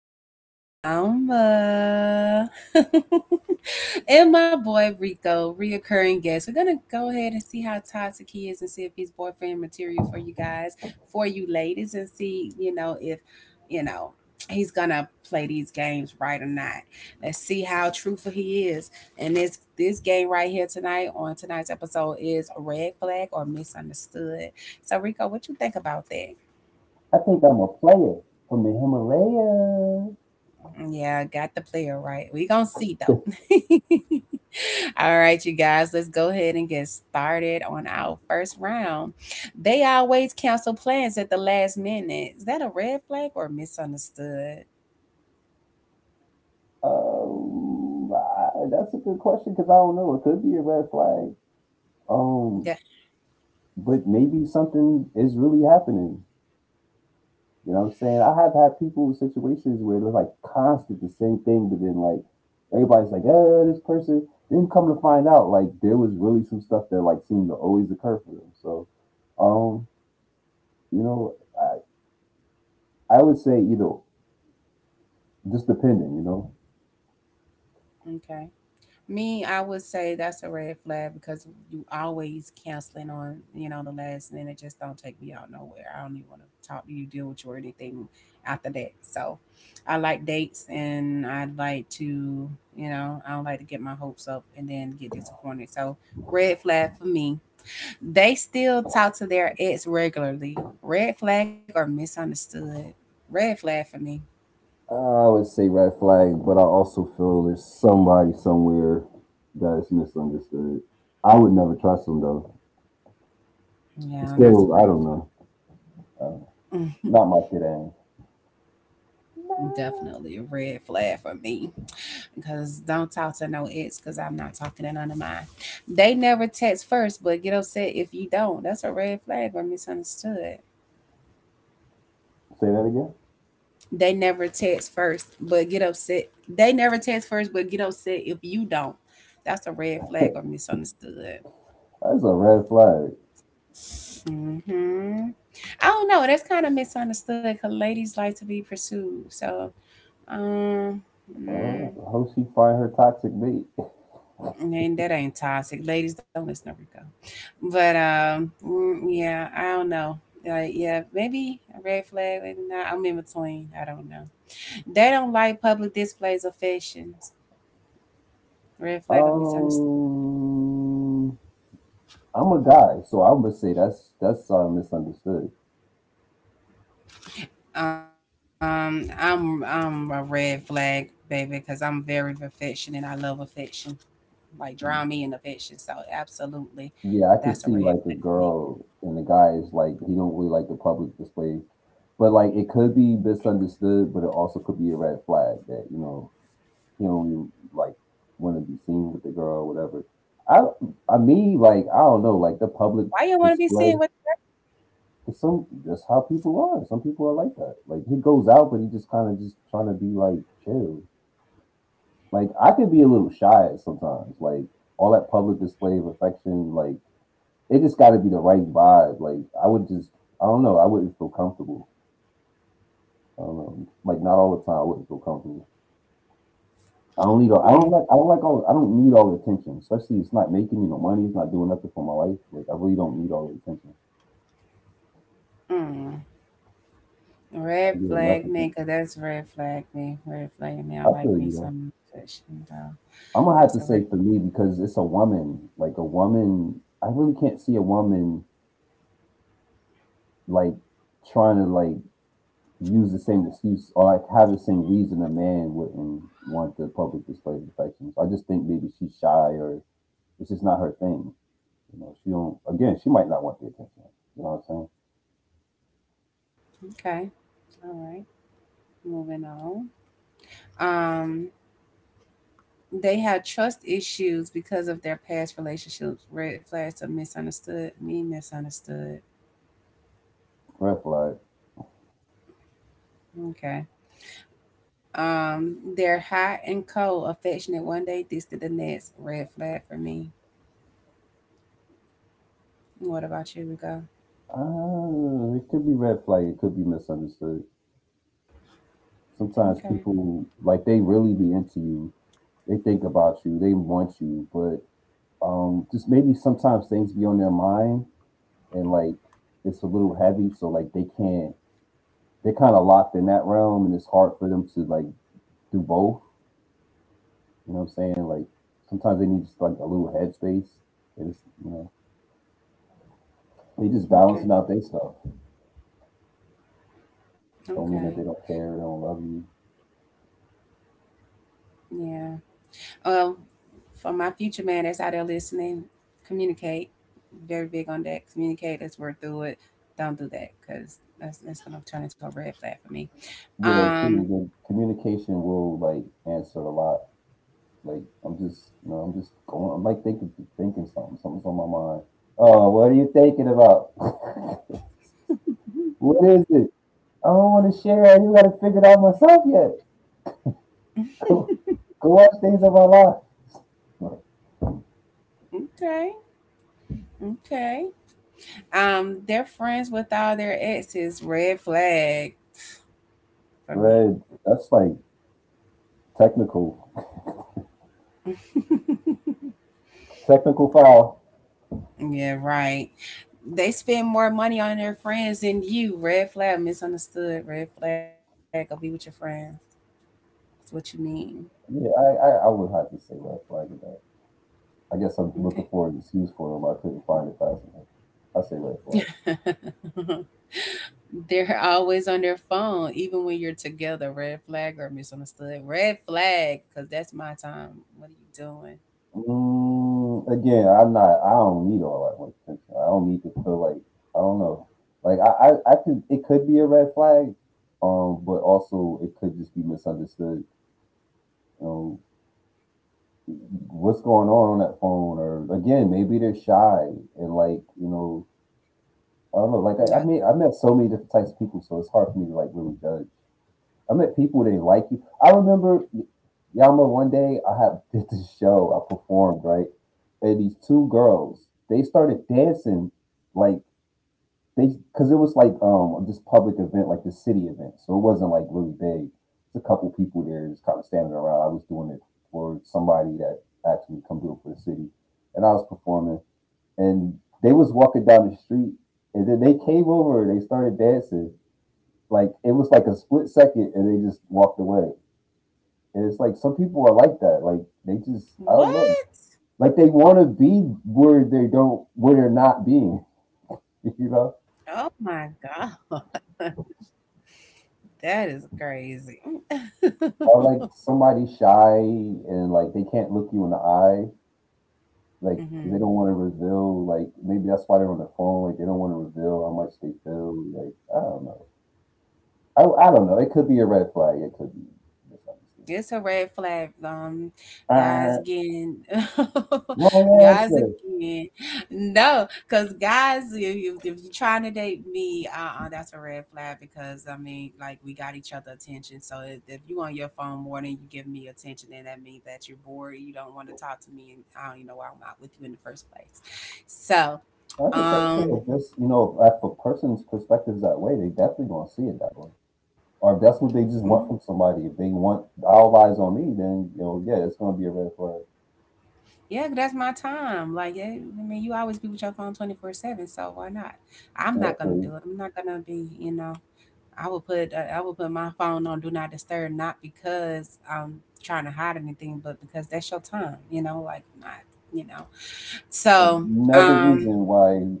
it with Yamba and my boy Rico, reoccurring guest. We're gonna go ahead and see how toxic he is and see if he's boyfriend material for you guys, for you ladies, and see if you know he's gonna play these games right or not. Let's see how truthful he is. And this game right here tonight, on tonight's episode, is a red flag or misunderstood. So Rico, what you think about that? I think I'm a player from the Himalaya. Yeah, got the player right. We gonna see though. All right, you guys, let's go ahead and get started on our first round. They always cancel plans at the last minute. Is that a red flag or misunderstood? That's a good question because I don't know. It could be a red flag. Um, Yeah. but maybe something is really happening. You know what I'm saying? I have had people in situations where they're like constant the same thing, but then like everybody's like, this person." Then come to find out, like there was really some stuff that like seemed to always occur for them. So, um, you know, I I would say either just depending, you know. Okay. Me, I would say that's a red flag because you always canceling on, you know, the last minute. Just don't take me out nowhere. I don't even want to talk to you, deal with you, or anything after that. So I like dates and I like to, you know, I don't like to get my hopes up and then get disappointed. So red flag for me. They still talk to their ex regularly. Red flag or misunderstood? Red flag for me. I would say red flag, but I also feel there's somebody somewhere that is misunderstood. I would never trust them though. Yeah, It's that's a still, I red don't flag. know. Not my fit Annie. Definitely a red flag for me. Cause don't talk to no ex, cause I'm not talking to none of mine. They never text first, but get upset if you don't. That's a red flag or misunderstood? Say that again. They never text first, but get upset. They never text first, but get upset if you don't. That's a red flag or misunderstood? That's a red flag. Hmm. I don't know. That's kind of misunderstood because ladies like to be pursued. So, um, mm, I hope she find her toxic mate. and that ain't toxic. Ladies, don't listen to Rico. But yeah, I don't know. Like, yeah, maybe a red flag. Maybe not. I'm in between. I don't know. They don't like public displays of affections. Red flag of misunderstanding? Um, I'm a guy, so I would say that's misunderstood. I'm a red flag, baby, because I'm very affectionate. I love affection. Like, drown me in affection. So, absolutely, Yeah, I could see that's a like the red flag for girl me. and the guy is like he don't really like the public displays, but like it could be misunderstood, but it also could be a red flag that you know he only like want to be seen with the girl or whatever. I I mean like I don't know like the public Why you want to be seen display. with? 'Cause some that's how people are. Some people are like that. Like he goes out, but he just kind of just trying to be like chill. Like I could be a little shy sometimes. Like all that public display of affection, like. It just got to be the right vibe. I don't know. I wouldn't feel comfortable. I don't know. Like not all the time. I wouldn't feel comfortable. Mm, I don't like all. I don't need all the attention. Especially it's not making me no money. It's not doing nothing for my life. Like I really don't need all the attention. mm. Red I get enough flag me, attention. 'cause that's red flag me. Red flag me. I I like feel you me though. some fish. And, I'm gonna have to that's a say red. for me because it's a woman. Like a woman. I really can't see a woman like trying to like use the same excuse or like have the same reason a man wouldn't want the public display of affection. So I just think maybe she's shy or it's just not her thing. You know, she don't. Again, she might not want the attention. You know what I'm saying? Okay. All right. Moving on. Um, they have trust issues because of their past relationships. Red flags of misunderstood? Me, misunderstood. Red flag. Okay. They're hot and cold, affectionate one day, distant the next. Red flag for me. What about you, Rico? It could be red flag. It could be misunderstood. Sometimes Okay. people like they really be into you. They think about you. They want you, but just maybe sometimes things be on their mind and like it's a little heavy, so like they can't they're kind of locked in that realm, and it's hard for them to like do both. You know what I'm saying? Like sometimes they need just like a little headspace. They just you know they just balancing Okay. out their stuff. Don't mean Okay. that they don't care, they don't love you. Yeah. Well, for my future man that's out there listening, communicate. Very big on that. Communicate. Let's work through it. Don't do that because that's gonna turn into a red flag for me. Yeah, Um. true. The communication will like answer a lot. Like I'm just you know I'm just going. I'm like thinking something. Something's on my mind. Oh, what are you thinking about? What is it? I don't want to share. I you got to figure it out myself yet. Go go watch things of my life. Okay. Okay. Um, they're friends with all their exes. Red flag for me. Red, that's like technical, technical foul. Yeah. Right. They spend more money on their friends than you. Red flag. Misunderstood. Red flag. Go be with your friends. That's what you mean. Yeah, I would have to say red flag with that. I guess I'm Okay. looking for an excuse for him. I couldn't find it fast enough. I say red flag. They're always on their phone, even when you're together. Red flag or misunderstood? Red flag, because that's my time. What are you doing? Again, I'm not. I don't need all that much attention. I don't need to feel like I don't know. Like I could. It could be a red flag, but also it could just be misunderstood. Um, what's going on that phone? Or again, maybe they're shy and like you know I don't know. Like I No. mean, I met so many different types of people, so it's hard for me to like really judge. I met people they like you. I remember Yama one day I had did this show I performed right, and these two girls they started dancing like they because it was like this public event like the city event, so it wasn't like really big. It's a couple people there just kind of standing around. I was doing it for somebody that asked me to come do it for the city, and I was performing and they was walking down the street and then they came over and they started dancing like it was like a split second and they just walked away, and it's like some people are like that like they just I don't know, What? like they want to be where they don't where they're not being you know. Oh my God. That is crazy. Or like somebody shy and like they can't look you in the eye like 'cause they Hmm. don't want to reveal like maybe that's why they're on the phone like they don't want to reveal how much they feel like I don't know. I don't know it could be a red flag it could be It's a misunderstanding. red flag, guys. Uh, Again, well, yes, guys. sir. Again, no, because guys, if, you, if you're trying to date me, that's a red flag. Because I mean, like, we got each other attention. So if you on your phone more than you give me attention, then that means that you're bored. You don't want to talk to me, and I don't even know why I'm not with you in the first place. So, I get that too. um, If this, you know, if a person's perspective is that way, they definitely gonna see it that way. Or if that's what they mm. just want from somebody, if they want all eyes on me, then you know, yeah, it's gonna be a red flag. Yeah, that's my time. Like, yeah, I mean, you always be with your phone 24/7, so why not? I'm You know, not gonna so do it. I'm not gonna be, you know, I will put my phone on do not disturb, not because I'm trying to hide anything, but because that's your time, you know, like not, you know. So, another um, reason why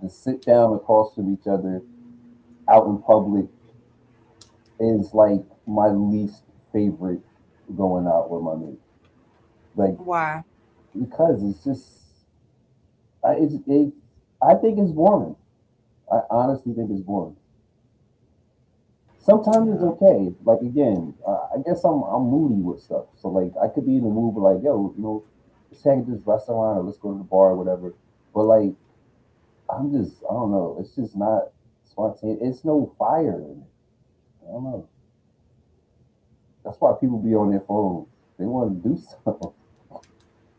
the sit down across from each other out in public is like my least favorite going out with my mate. Like why? because it's just, I it's, it, I think it's boring. I honestly think it's boring. Sometimes it's Yeah. okay. Like again, I guess I'm moody with stuff. So like I could be in the mood, but like yo, you know, let's hang at this restaurant or let's go to the bar or whatever. But like I'm just I don't know. It's just not spontaneous. It's no fire in it. I don't know. That's why people be on their phones. They want to do something.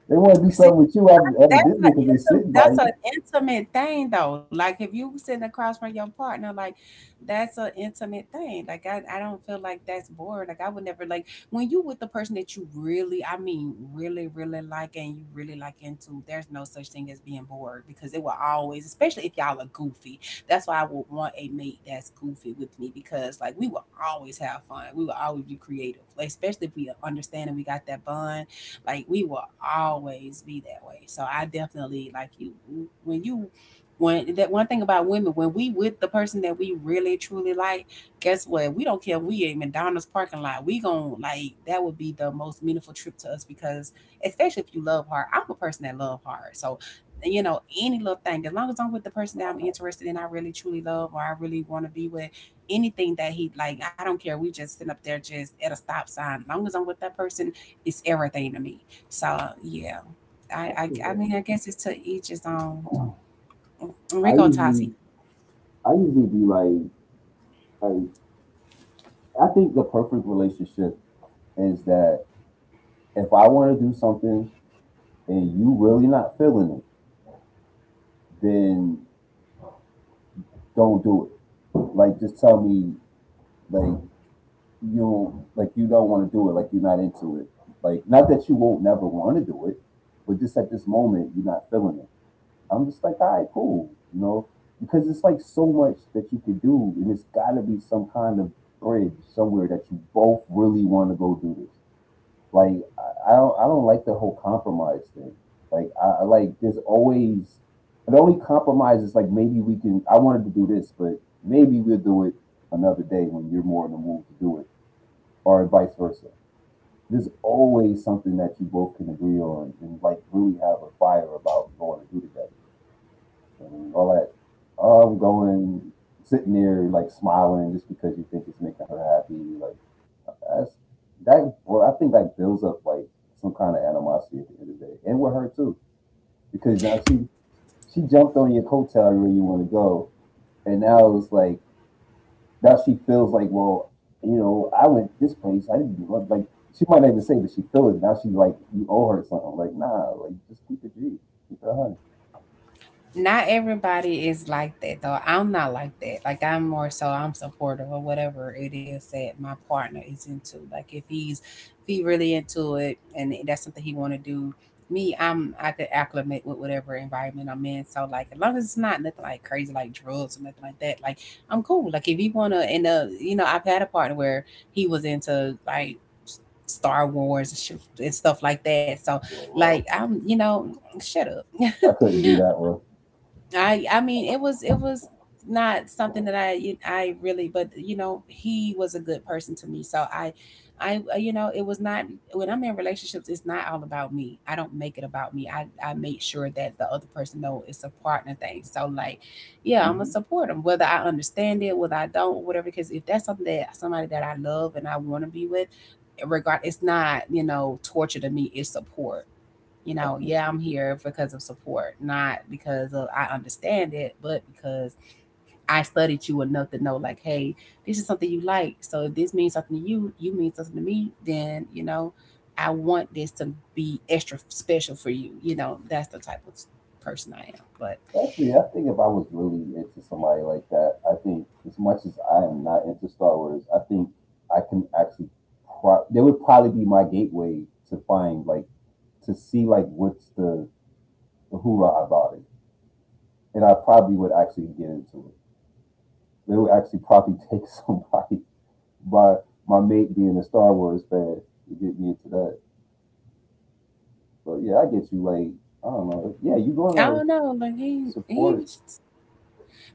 They want to do See, something with you, that's evidently, an because they intimate sitting by that's you. an intimate thing though. Like if you sitting across from your partner, like that's an intimate thing. Like I don't feel like that's boring. Like I would never like when you with the person that you really, I mean, really, really like and you really like into. There's no such thing as being bored because it will always, especially if y'all are goofy. That's why I would want a mate that's goofy with me because like we will always have fun. We will always be creative, like, especially if we understand and we got that bond like we will always be that way. So I definitely like you when that one thing about women, when we with the person that we really truly like, guess what? We don't care if we in McDonald's parking lot. We gon' like that would be the most meaningful trip to us because especially if you love hard. I'm a person that love hard. So you know, any little thing, as long as I'm with the person that I'm interested in, I really truly love or I really want to be with, anything that he like, I don't care. We just sitting up there just at a stop sign. As long as I'm with that person, is everything to me. So yeah, I I, I mean I guess it's to each his own. And I Rico talk to usually I usually be like like I think the perfect relationship is that if I want to do something and you really not feeling it, then don't do it. Like just tell me like you don't want to do it, like you're not into it. Like not that you won't never want to do it, but just at this moment you're not feeling it. I'm just like, all right, cool, you know, because it's like so much that you could do, and it's got to be some kind of bridge somewhere that you both really want to go do this. Like I don't like the whole compromise thing. Like I like there's always the only compromise is like maybe we can I wanted to do this, but maybe we'll do it another day when you're more in the mood to do it, or vice versa. There's always something that you both can agree on and like really have a fire about going to do together. I mean, all that oh, I'm going sitting there like smiling just because you think it's making her happy, like that's that bro. I think that builds up like some kind of animosity at the end of the day, and with her too, because now she jumped on your coattail where you want to go, and now it's like now she feels like well, you know, I went this place. I didn't want- like. She might not even say, but she feel it now. She like you owe her something. Like nah, like just keep it G, keep it honey. not everybody is like that though. I'm not like that. Like I'm more so I'm supportive of whatever it is that my partner is into. Like if he's if he really into it and that's something he want to do, me I'm I could acclimate with whatever environment I'm in. So like as long as it's not nothing like crazy like drugs or nothing like that, like I'm cool. Like if you wanna and you know I've had a partner where he was into like Star Wars and, and stuff like that. So like So, I'm you know shut up. I couldn't do that one. I mean it was not something that I you- I really but you know he was a good person to me so I I you know it was not when I'm in relationships it's not all about me I don't make it about me I make sure that the other person know it's a partner thing so like yeah I'm Hmm. gonna support them whether I understand it whether I don't whatever because if that's something that somebody that I love and I want to be with regard it's not you know torture to me it's support you I know, yeah, couldn't. I'm here because of support, not because of I understand it, but because I studied you enough to know, like, hey, this is something you like. So if this means something to you, you mean something to me, then, you know, I want this to be extra special for you. You know, that's the type of person I am. But Definitely, I think if I was really into somebody like that, I think as much as I am not into Star Wars, I think I can actually, they would probably be my gateway to find like to see like the hoorah about it, and I probably would actually get into it. It would actually probably take somebody by my mate being a Star Wars fan to get me into that. But yeah, I get you. Like I don't know. Yeah, you're I gonna don't know, like he support.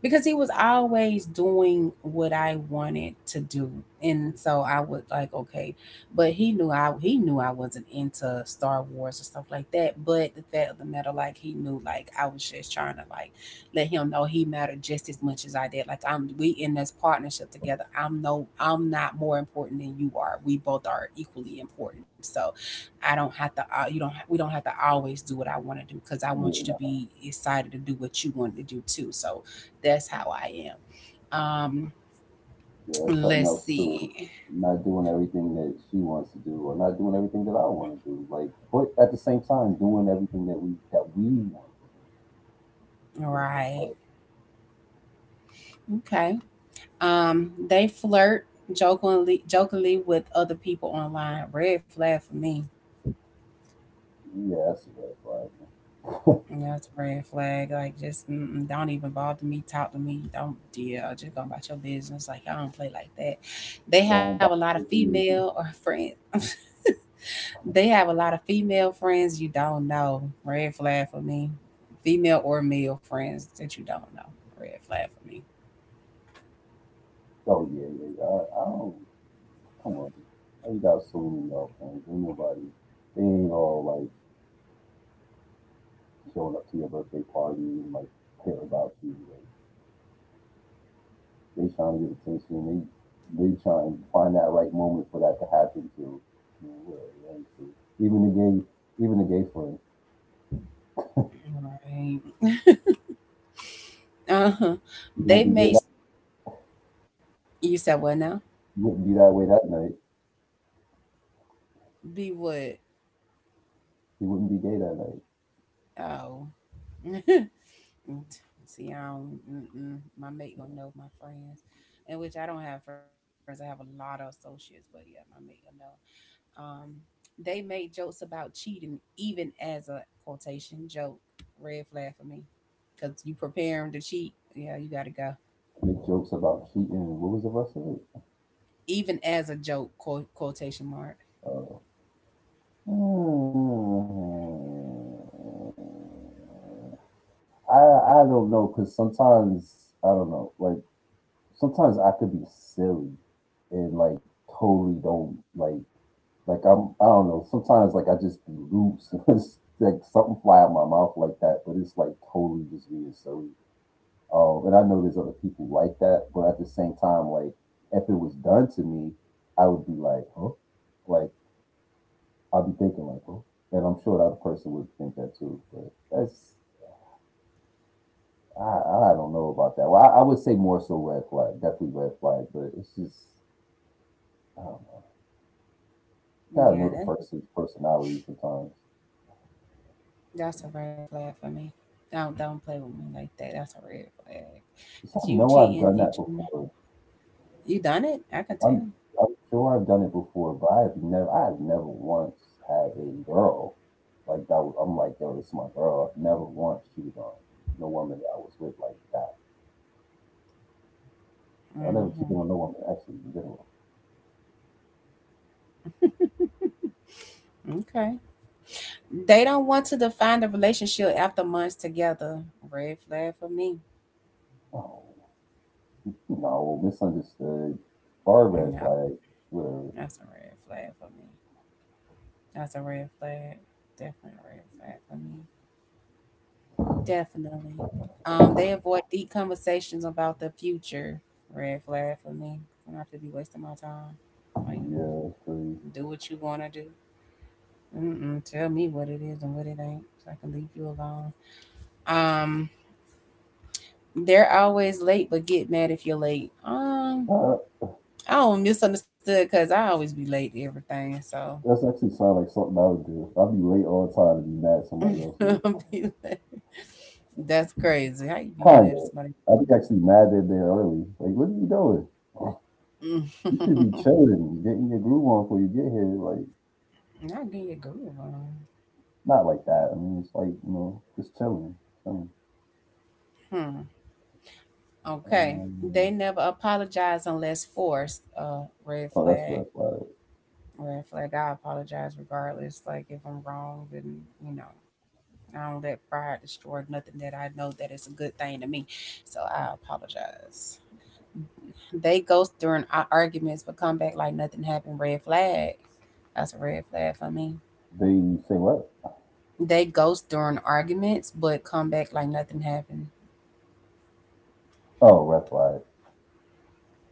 because he was always doing what I wanted to do, and so I was like, okay, but he knew I wasn't into Star Wars and stuff like that. But the fact of the matter, like he knew, like I was just trying to like let him know he mattered just as much as I did. Like I'm, we in this partnership together. I'm no, I'm not more important than you are. We both are equally important. So I don't have to, you don't, we don't have to always do what I want to do because I want Yeah, you to nah. be excited to do what you want to do too. So that's how I am. Yeah, that's something Let's else see. too. Not doing everything that she wants to do, or not doing everything that I want to do. Like, but at the same time, doing everything that we want to do for the most Right. part. Okay. They flirt jokingly with other people online. Red flag for me. Yeah, that's a red flag, man. That's a red flag. Like, just mm-mm, don't even bother me. Talk to me. Don't deal. Just go about your business. Like, I don't play like that. They have a Going lot back of to female the or friends. They have a lot of female friends you don't know. Red flag for me. Female or male friends that you don't know. Red flag for me. oh yeah, yeah, yeah. I don't come on. How you got so many girlfriends? Ain't nobody. They ain't all like showing up to your birthday party and like care about you. Like, they trying to get attention. They trying to find that right moment for that to happen. So whatever. That is true. Even the gay friend, Right. Uh-huh. he They won't be gay. made That, you said what now? he wouldn't be that way that night. Be what? He wouldn't be gay that night. Oh. Mm, t- See, I don't. Mm-mm. My mate gonna know my friends, in which I don't have friends. I have a lot of associates, but yeah, my mate gonna know. Um, they made jokes about cheating, even as a quotation joke. Red flag for me, cause you prepare 'em to cheat. Yeah, you gotta go. Make jokes about cheating. And what was the rest of it? Even as a joke, quote, quotation mark. Uh, I don't know because sometimes I don't know, like sometimes I could be silly and totally don't like Like I don't know. Sometimes like I just be loose. It's like something fly out my mouth like that, but it's like totally just being silly. And I know there's other people like that, but at the same time, like if it was done to me, I would be like, huh? Like I'd be thinking like, huh? And I'm sure the other person would think that too. But that's I don't know about that. Well, I would say more so red flag, definitely red flag. But it's just I don't know. You gotta know the Yeah, person's personality sometimes. that's a red flag for me. Don't play with me like that. That's a red flag. Cause Because I you know I've cheating, done you that cheating. before. You done it? I can tell. I'm I'm sure I've done it before, but I have never once had a girl like that. I'm like, yo, this is my girl. I've never once cheated on no woman that I was with like that. I never Hmm. cheated on no woman actually in general. Okay. They don't want to define the relationship after months together. Red flag for me. Oh no, misunderstood. Far red No, flag. Whatever. that's a red flag for me. That's a red flag. Definitely a red flag for me. Definitely. They avoid deep conversations about the future. Red flag for me. I don't have to be wasting my time. Or you Yeah, that's crazy. do what you want to do. Mm-mm, tell me what it is and what it ain't, so I can leave you alone. Um, they're always late, but get mad if you're late. Uh, I don't misunderstood because I always be late to everything, so that's actually sound like something I would do. I'd be late all the time and be mad at somebody else. Like, I'll be late. That's crazy. How you be kind mad at of. somebody? For I'd something? be actually mad that they're early. Like, what are you doing? You should be chilling, getting your groove on before you get here. Like Not getting your groove on. not like that. I mean, it's like, you know, just chilling, chilling. Hmm. Okay. They Um, never apologize unless forced. Red oh, that's flag. red flag. Red flag. I apologize regardless. Like if I'm wrong, then you know I don't let pride destroy nothing that I know that is a good thing to me. So I apologize. They ghost during our arguments but come back like nothing happened. Red flag. That's a red flag for me. They say what? They ghost during arguments but come back like nothing happened. Oh, red flag.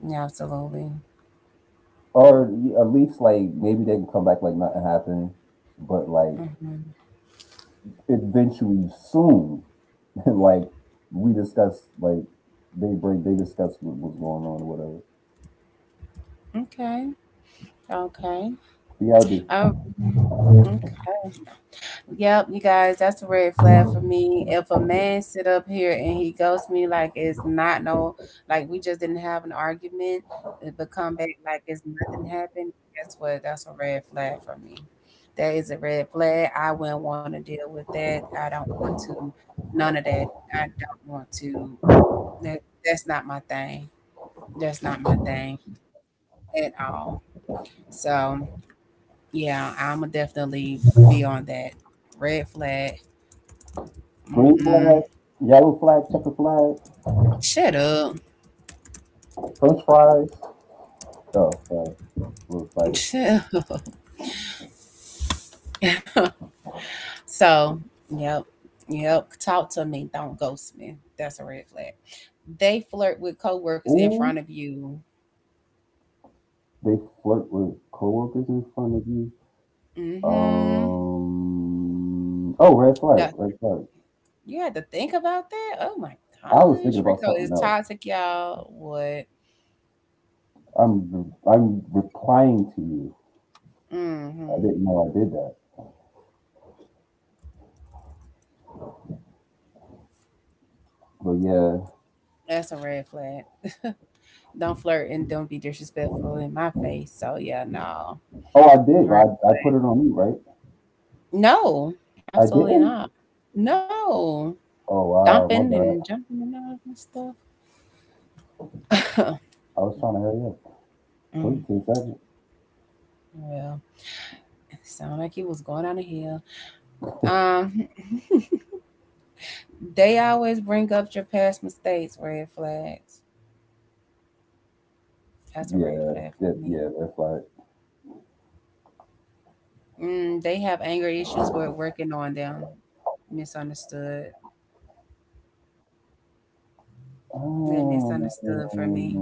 Yeah, absolutely. Or at least like maybe they can come back like nothing happened, but like Hmm. eventually, soon, like we discuss, like they discuss what was going on or whatever. Okay. Okay. BRB. Um, mhm. Yep, you guys, that's a red flag for me. If a man sit up here and he ghosts me like it's not no, like we just didn't have an argument, but come back like it's nothing happened, guess what? That's a red flag for me. That is a red flag. I wouldn't want to deal with that. I don't want to, none of that. I don't want to. That's not my thing. That's not my thing at all. So yeah, I'ma definitely be on that red flag. Green Mm-mm. flag, yellow flag, checker flag, Shut up. French fries. Oh, sorry, a little excited. Shut up. So, yep. Yep. Talk to me. Don't ghost me. That's a red flag. They flirt with coworkers in front of Ooh. you. They flirt with coworkers in front of you. Mm-hmm. Oh, red flag, That red flag. you had to think about that? Oh my I was thinking gosh. about Rico something is else. toxic, y'all. What? I'm replying to you. I Mm-hmm. didn't know I did that, but yeah. That's a red flag. Don't flirt and don't be disrespectful in my face. So yeah, no. Oh, I did. I Red I put flag. it on you, right? No, I absolutely didn't. not. No. Oh wow, Stomping my and bad. jumping and all that stuff. I was trying to hurry up. Mm, Took 10 seconds. well, it sounded like he was going down a hill. Um, they always bring up your past mistakes, red flags. That's a Yeah, red yeah, flag for that, me. yeah. Red flag. Mm, they have anger issues, but working on them. Misunderstood. They Um, misunderstood for me.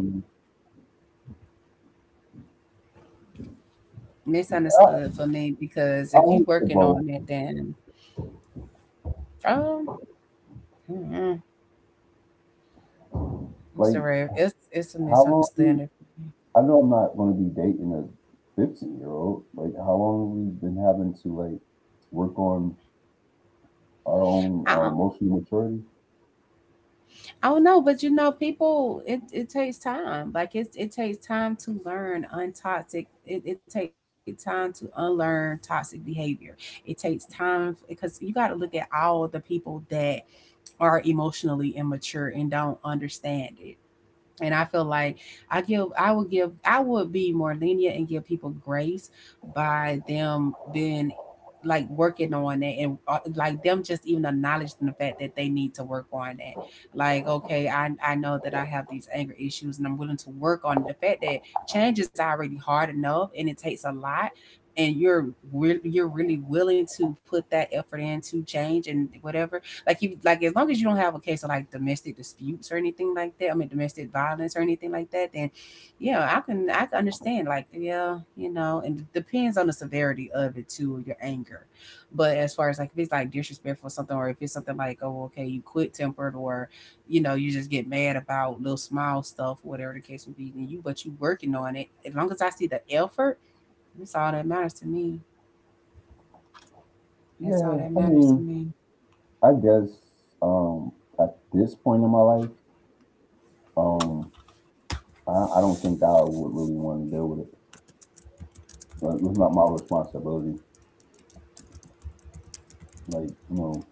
I, Misunderstood for me because I if you want to working on both. it, then um, mm-mm, it's a Like, red. It's it's a how long you? misunderstanding. I know I'm not going to be dating a 15-year-old. Like, how long we've been having to like work on our own Uh-uh. emotional maturity? Oh no, but you know, people it takes time. Like it takes time to learn untoxic. It takes time to unlearn toxic behavior. It takes time because you got to look at all the people that are emotionally immature and don't understand it. And I feel like I would give, I would be more lenient and give people grace by them being like working on that, and like them just even acknowledging the fact that they need to work on that. Like, okay, I know that I have these anger issues and I'm willing to work on the fact that change is already hard enough and it takes a lot. And you're really willing to put that effort into change and whatever like you like as long as you don't have a case of like domestic disputes or anything like that. I mean domestic violence or anything like that, then yeah, I can understand like yeah, you know, and it depends on the severity of it too, your anger. But as far as like if it's like disrespectful or something, or if it's something like oh okay you quit tempered or you know you just get mad about little small stuff, whatever the case may be, then you but you working on it. As long as I see the effort, that's all that matters to me. That's all Yeah, that I matters to mean, me. I guess at this point in my life, um, I don't think I would really want to deal with it. Like, it's not my responsibility. Like, you know,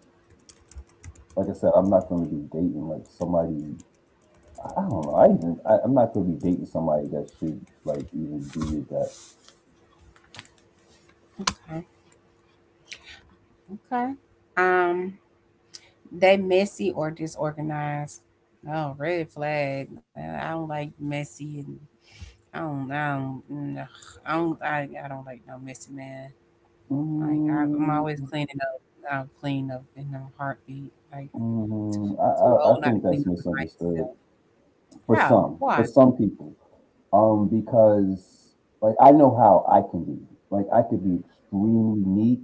like I said, I'm not going to be dating like somebody. I don't know. I'm not going to be dating somebody that should like even be at that. Okay. Okay. Um, They messy or disorganized. Oh, red flag. I don't like messy and I don't mm, ugh, I don't I, I don't like no messy man. Like I'm Mm. always cleaning up. I'll clean up in a heartbeat. Like too, Mm, I, too I, I old not to think clean that's up behind misunderstood myself. How? Why? for some people. Because like I know how I can be. Like I could be extremely neat,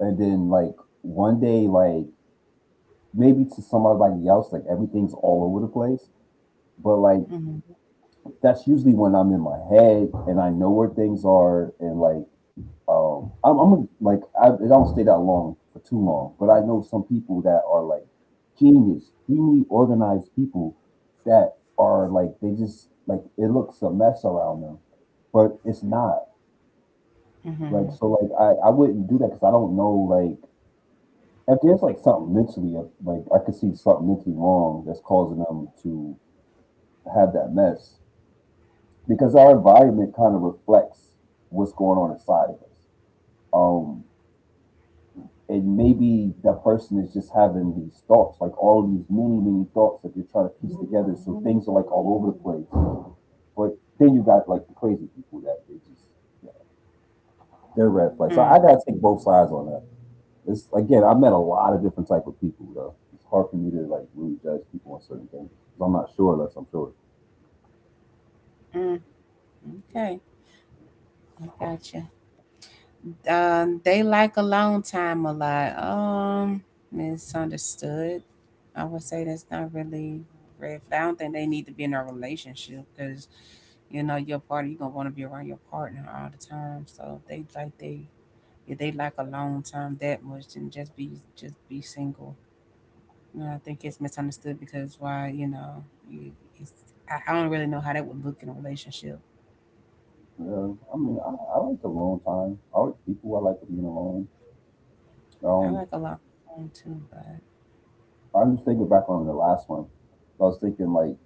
and then like one day, like maybe to somebody else, like everything's all over the place. But like Mm-hmm. that's usually when I'm in my head and I know where things are, and like um, I'm like I it don't stay that long for too long, but I know some people that are like genius, extremely organized people that are like they just like it looks a mess around them, but it's not like. Mm-hmm. So like I wouldn't do that because I don't know like if there's like something mentally like I could see something mentally wrong that's causing them to have that mess because our environment kind of reflects what's going on inside of us. Um, and maybe that person is just having these thoughts, like all these many, many thoughts that they're trying to piece together. So things are like all over the place. But then you got like the crazy people that they just, yeah, they're red flags. So I gotta take both sides on that. It's again, I met a lot of different type of people though. It's hard for me to like really judge people on certain things 'cause I'm not sure unless I'm sure. Mm-hmm. Okay. I gotcha. They like alone time a lot. Misunderstood. I would say that's not really red flag. I don't think they need to be in a relationship because you know your partner. You're gonna want to be around your partner all the time. So if they like they if they like alone time that much, then just be single. You know, I think it's misunderstood because why you know you, it's, I don't really know how that would look in a relationship. Yeah, I mean, I like the alone time. I like people. I like being alone. I Um, like alone time too, but I'm just thinking back on the last one. I was thinking like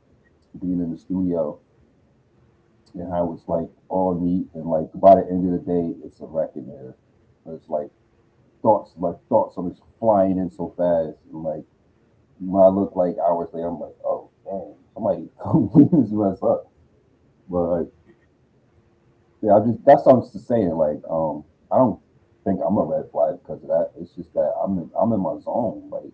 being in the studio and how it's like all neat and like by the end of the day it's a wreck in there. It's like thoughts are just flying in so fast and like when I look like hours later I'm like, oh man, somebody come clean this mess up. But like yeah, I just, that's what I'm just saying, like, I don't think I'm a red flag because of that. It's just that I'm in my zone. Like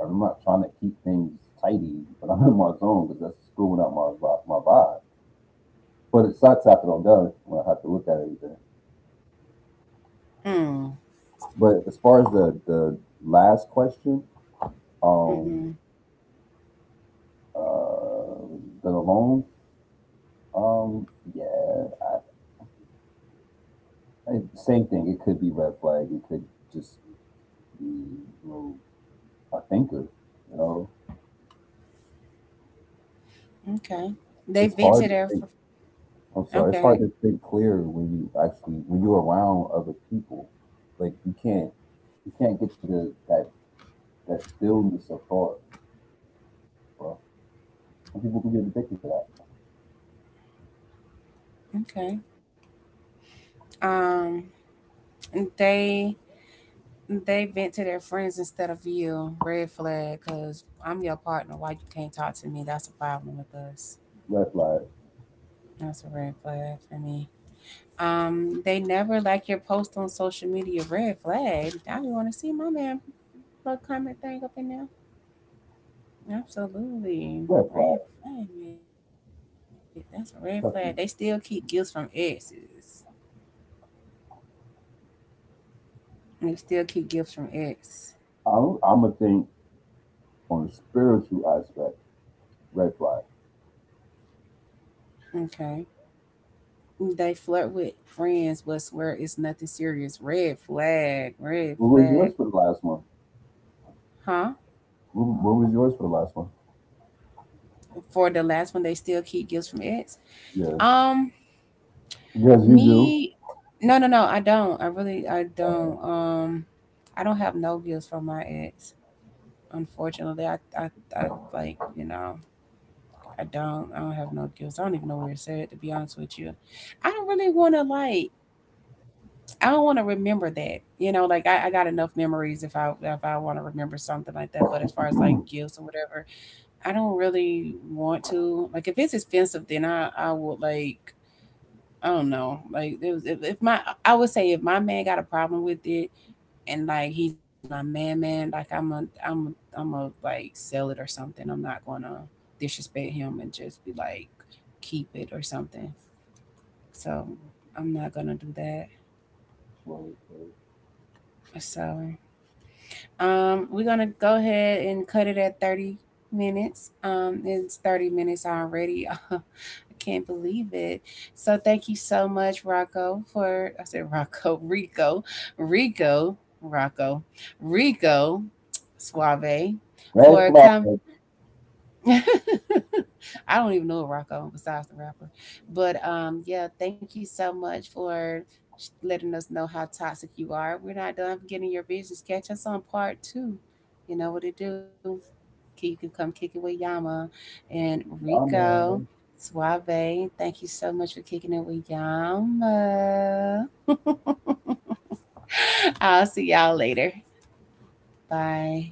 I'm not trying to keep things tidy, but I'm in my zone because that's screwing up my my vibe. But it sucks after I'm done when I have to look at everything. mm, But as far as the last question, um, uh, the loan, um, yeah, I, same thing. It could be red flag. It could just be, you know, a thinker. You know, okay. They it's vent hard to to their think. f- I'm sorry. It's hard okay, to think clear when you actually when you're around other people. Like you can't get to the that stillness of thought, bro. Some people can get addicted to that. okay. Um, they they vent to their friends instead of you. Red flag, cause I'm your partner. Why you can't talk to me? That's a problem with us. Red flag. That's a red flag for me. They never like your post on social media. Red flag. I don't want to see my man plug comment thing up in there. Absolutely. Red Red flag. flag. That's a red flag. They still keep gifts from Definitely. exes. They still keep gifts from ex. I'm gonna think on the spiritual aspect, red flag. Okay. They flirt with friends but swear it's nothing serious. Red flag, red What was flag. yours for the last one? Huh? What was yours for the last one? For the last one, they still keep gifts from ex. Yeah, Um, because you do. me, no, no, no, I don't. I really, I Oh, yeah. don't. I don't have no gifts from my ex. Unfortunately, I, I like, you know, I don't. I don't have no gifts. I don't even know where it's at. To be honest with you, I don't really want to like. I don't want to remember that. You know, like I got enough memories if I want to remember something like that. But as far as like gifts or whatever, I don't really want to. Like if it's expensive, then I would like I don't know. Like it was, if my I would say if my man got a problem with it and like he's my man man, I'm I'm a like sell it or something. I'm not gonna disrespect him and just be like keep it or something. So I'm not gonna do that. Word, word. So. We're gonna go ahead and cut it at 30 minutes. It's 30 minutes already. I can't believe it. So thank you so much, Rocco, for I said Rocco, Rico, Rico, Rocco, Rico Suave Red for flag. coming. I don't even know a rock on besides the rapper. But yeah, thank you so much for letting us know how toxic you are. We're not done getting your business. Catch us on part two. You know what to do. K- You can come kick it with Yama and Rico. Yama. Suave, thank you so much for kicking it with Yama. I'll see y'all later. Bye.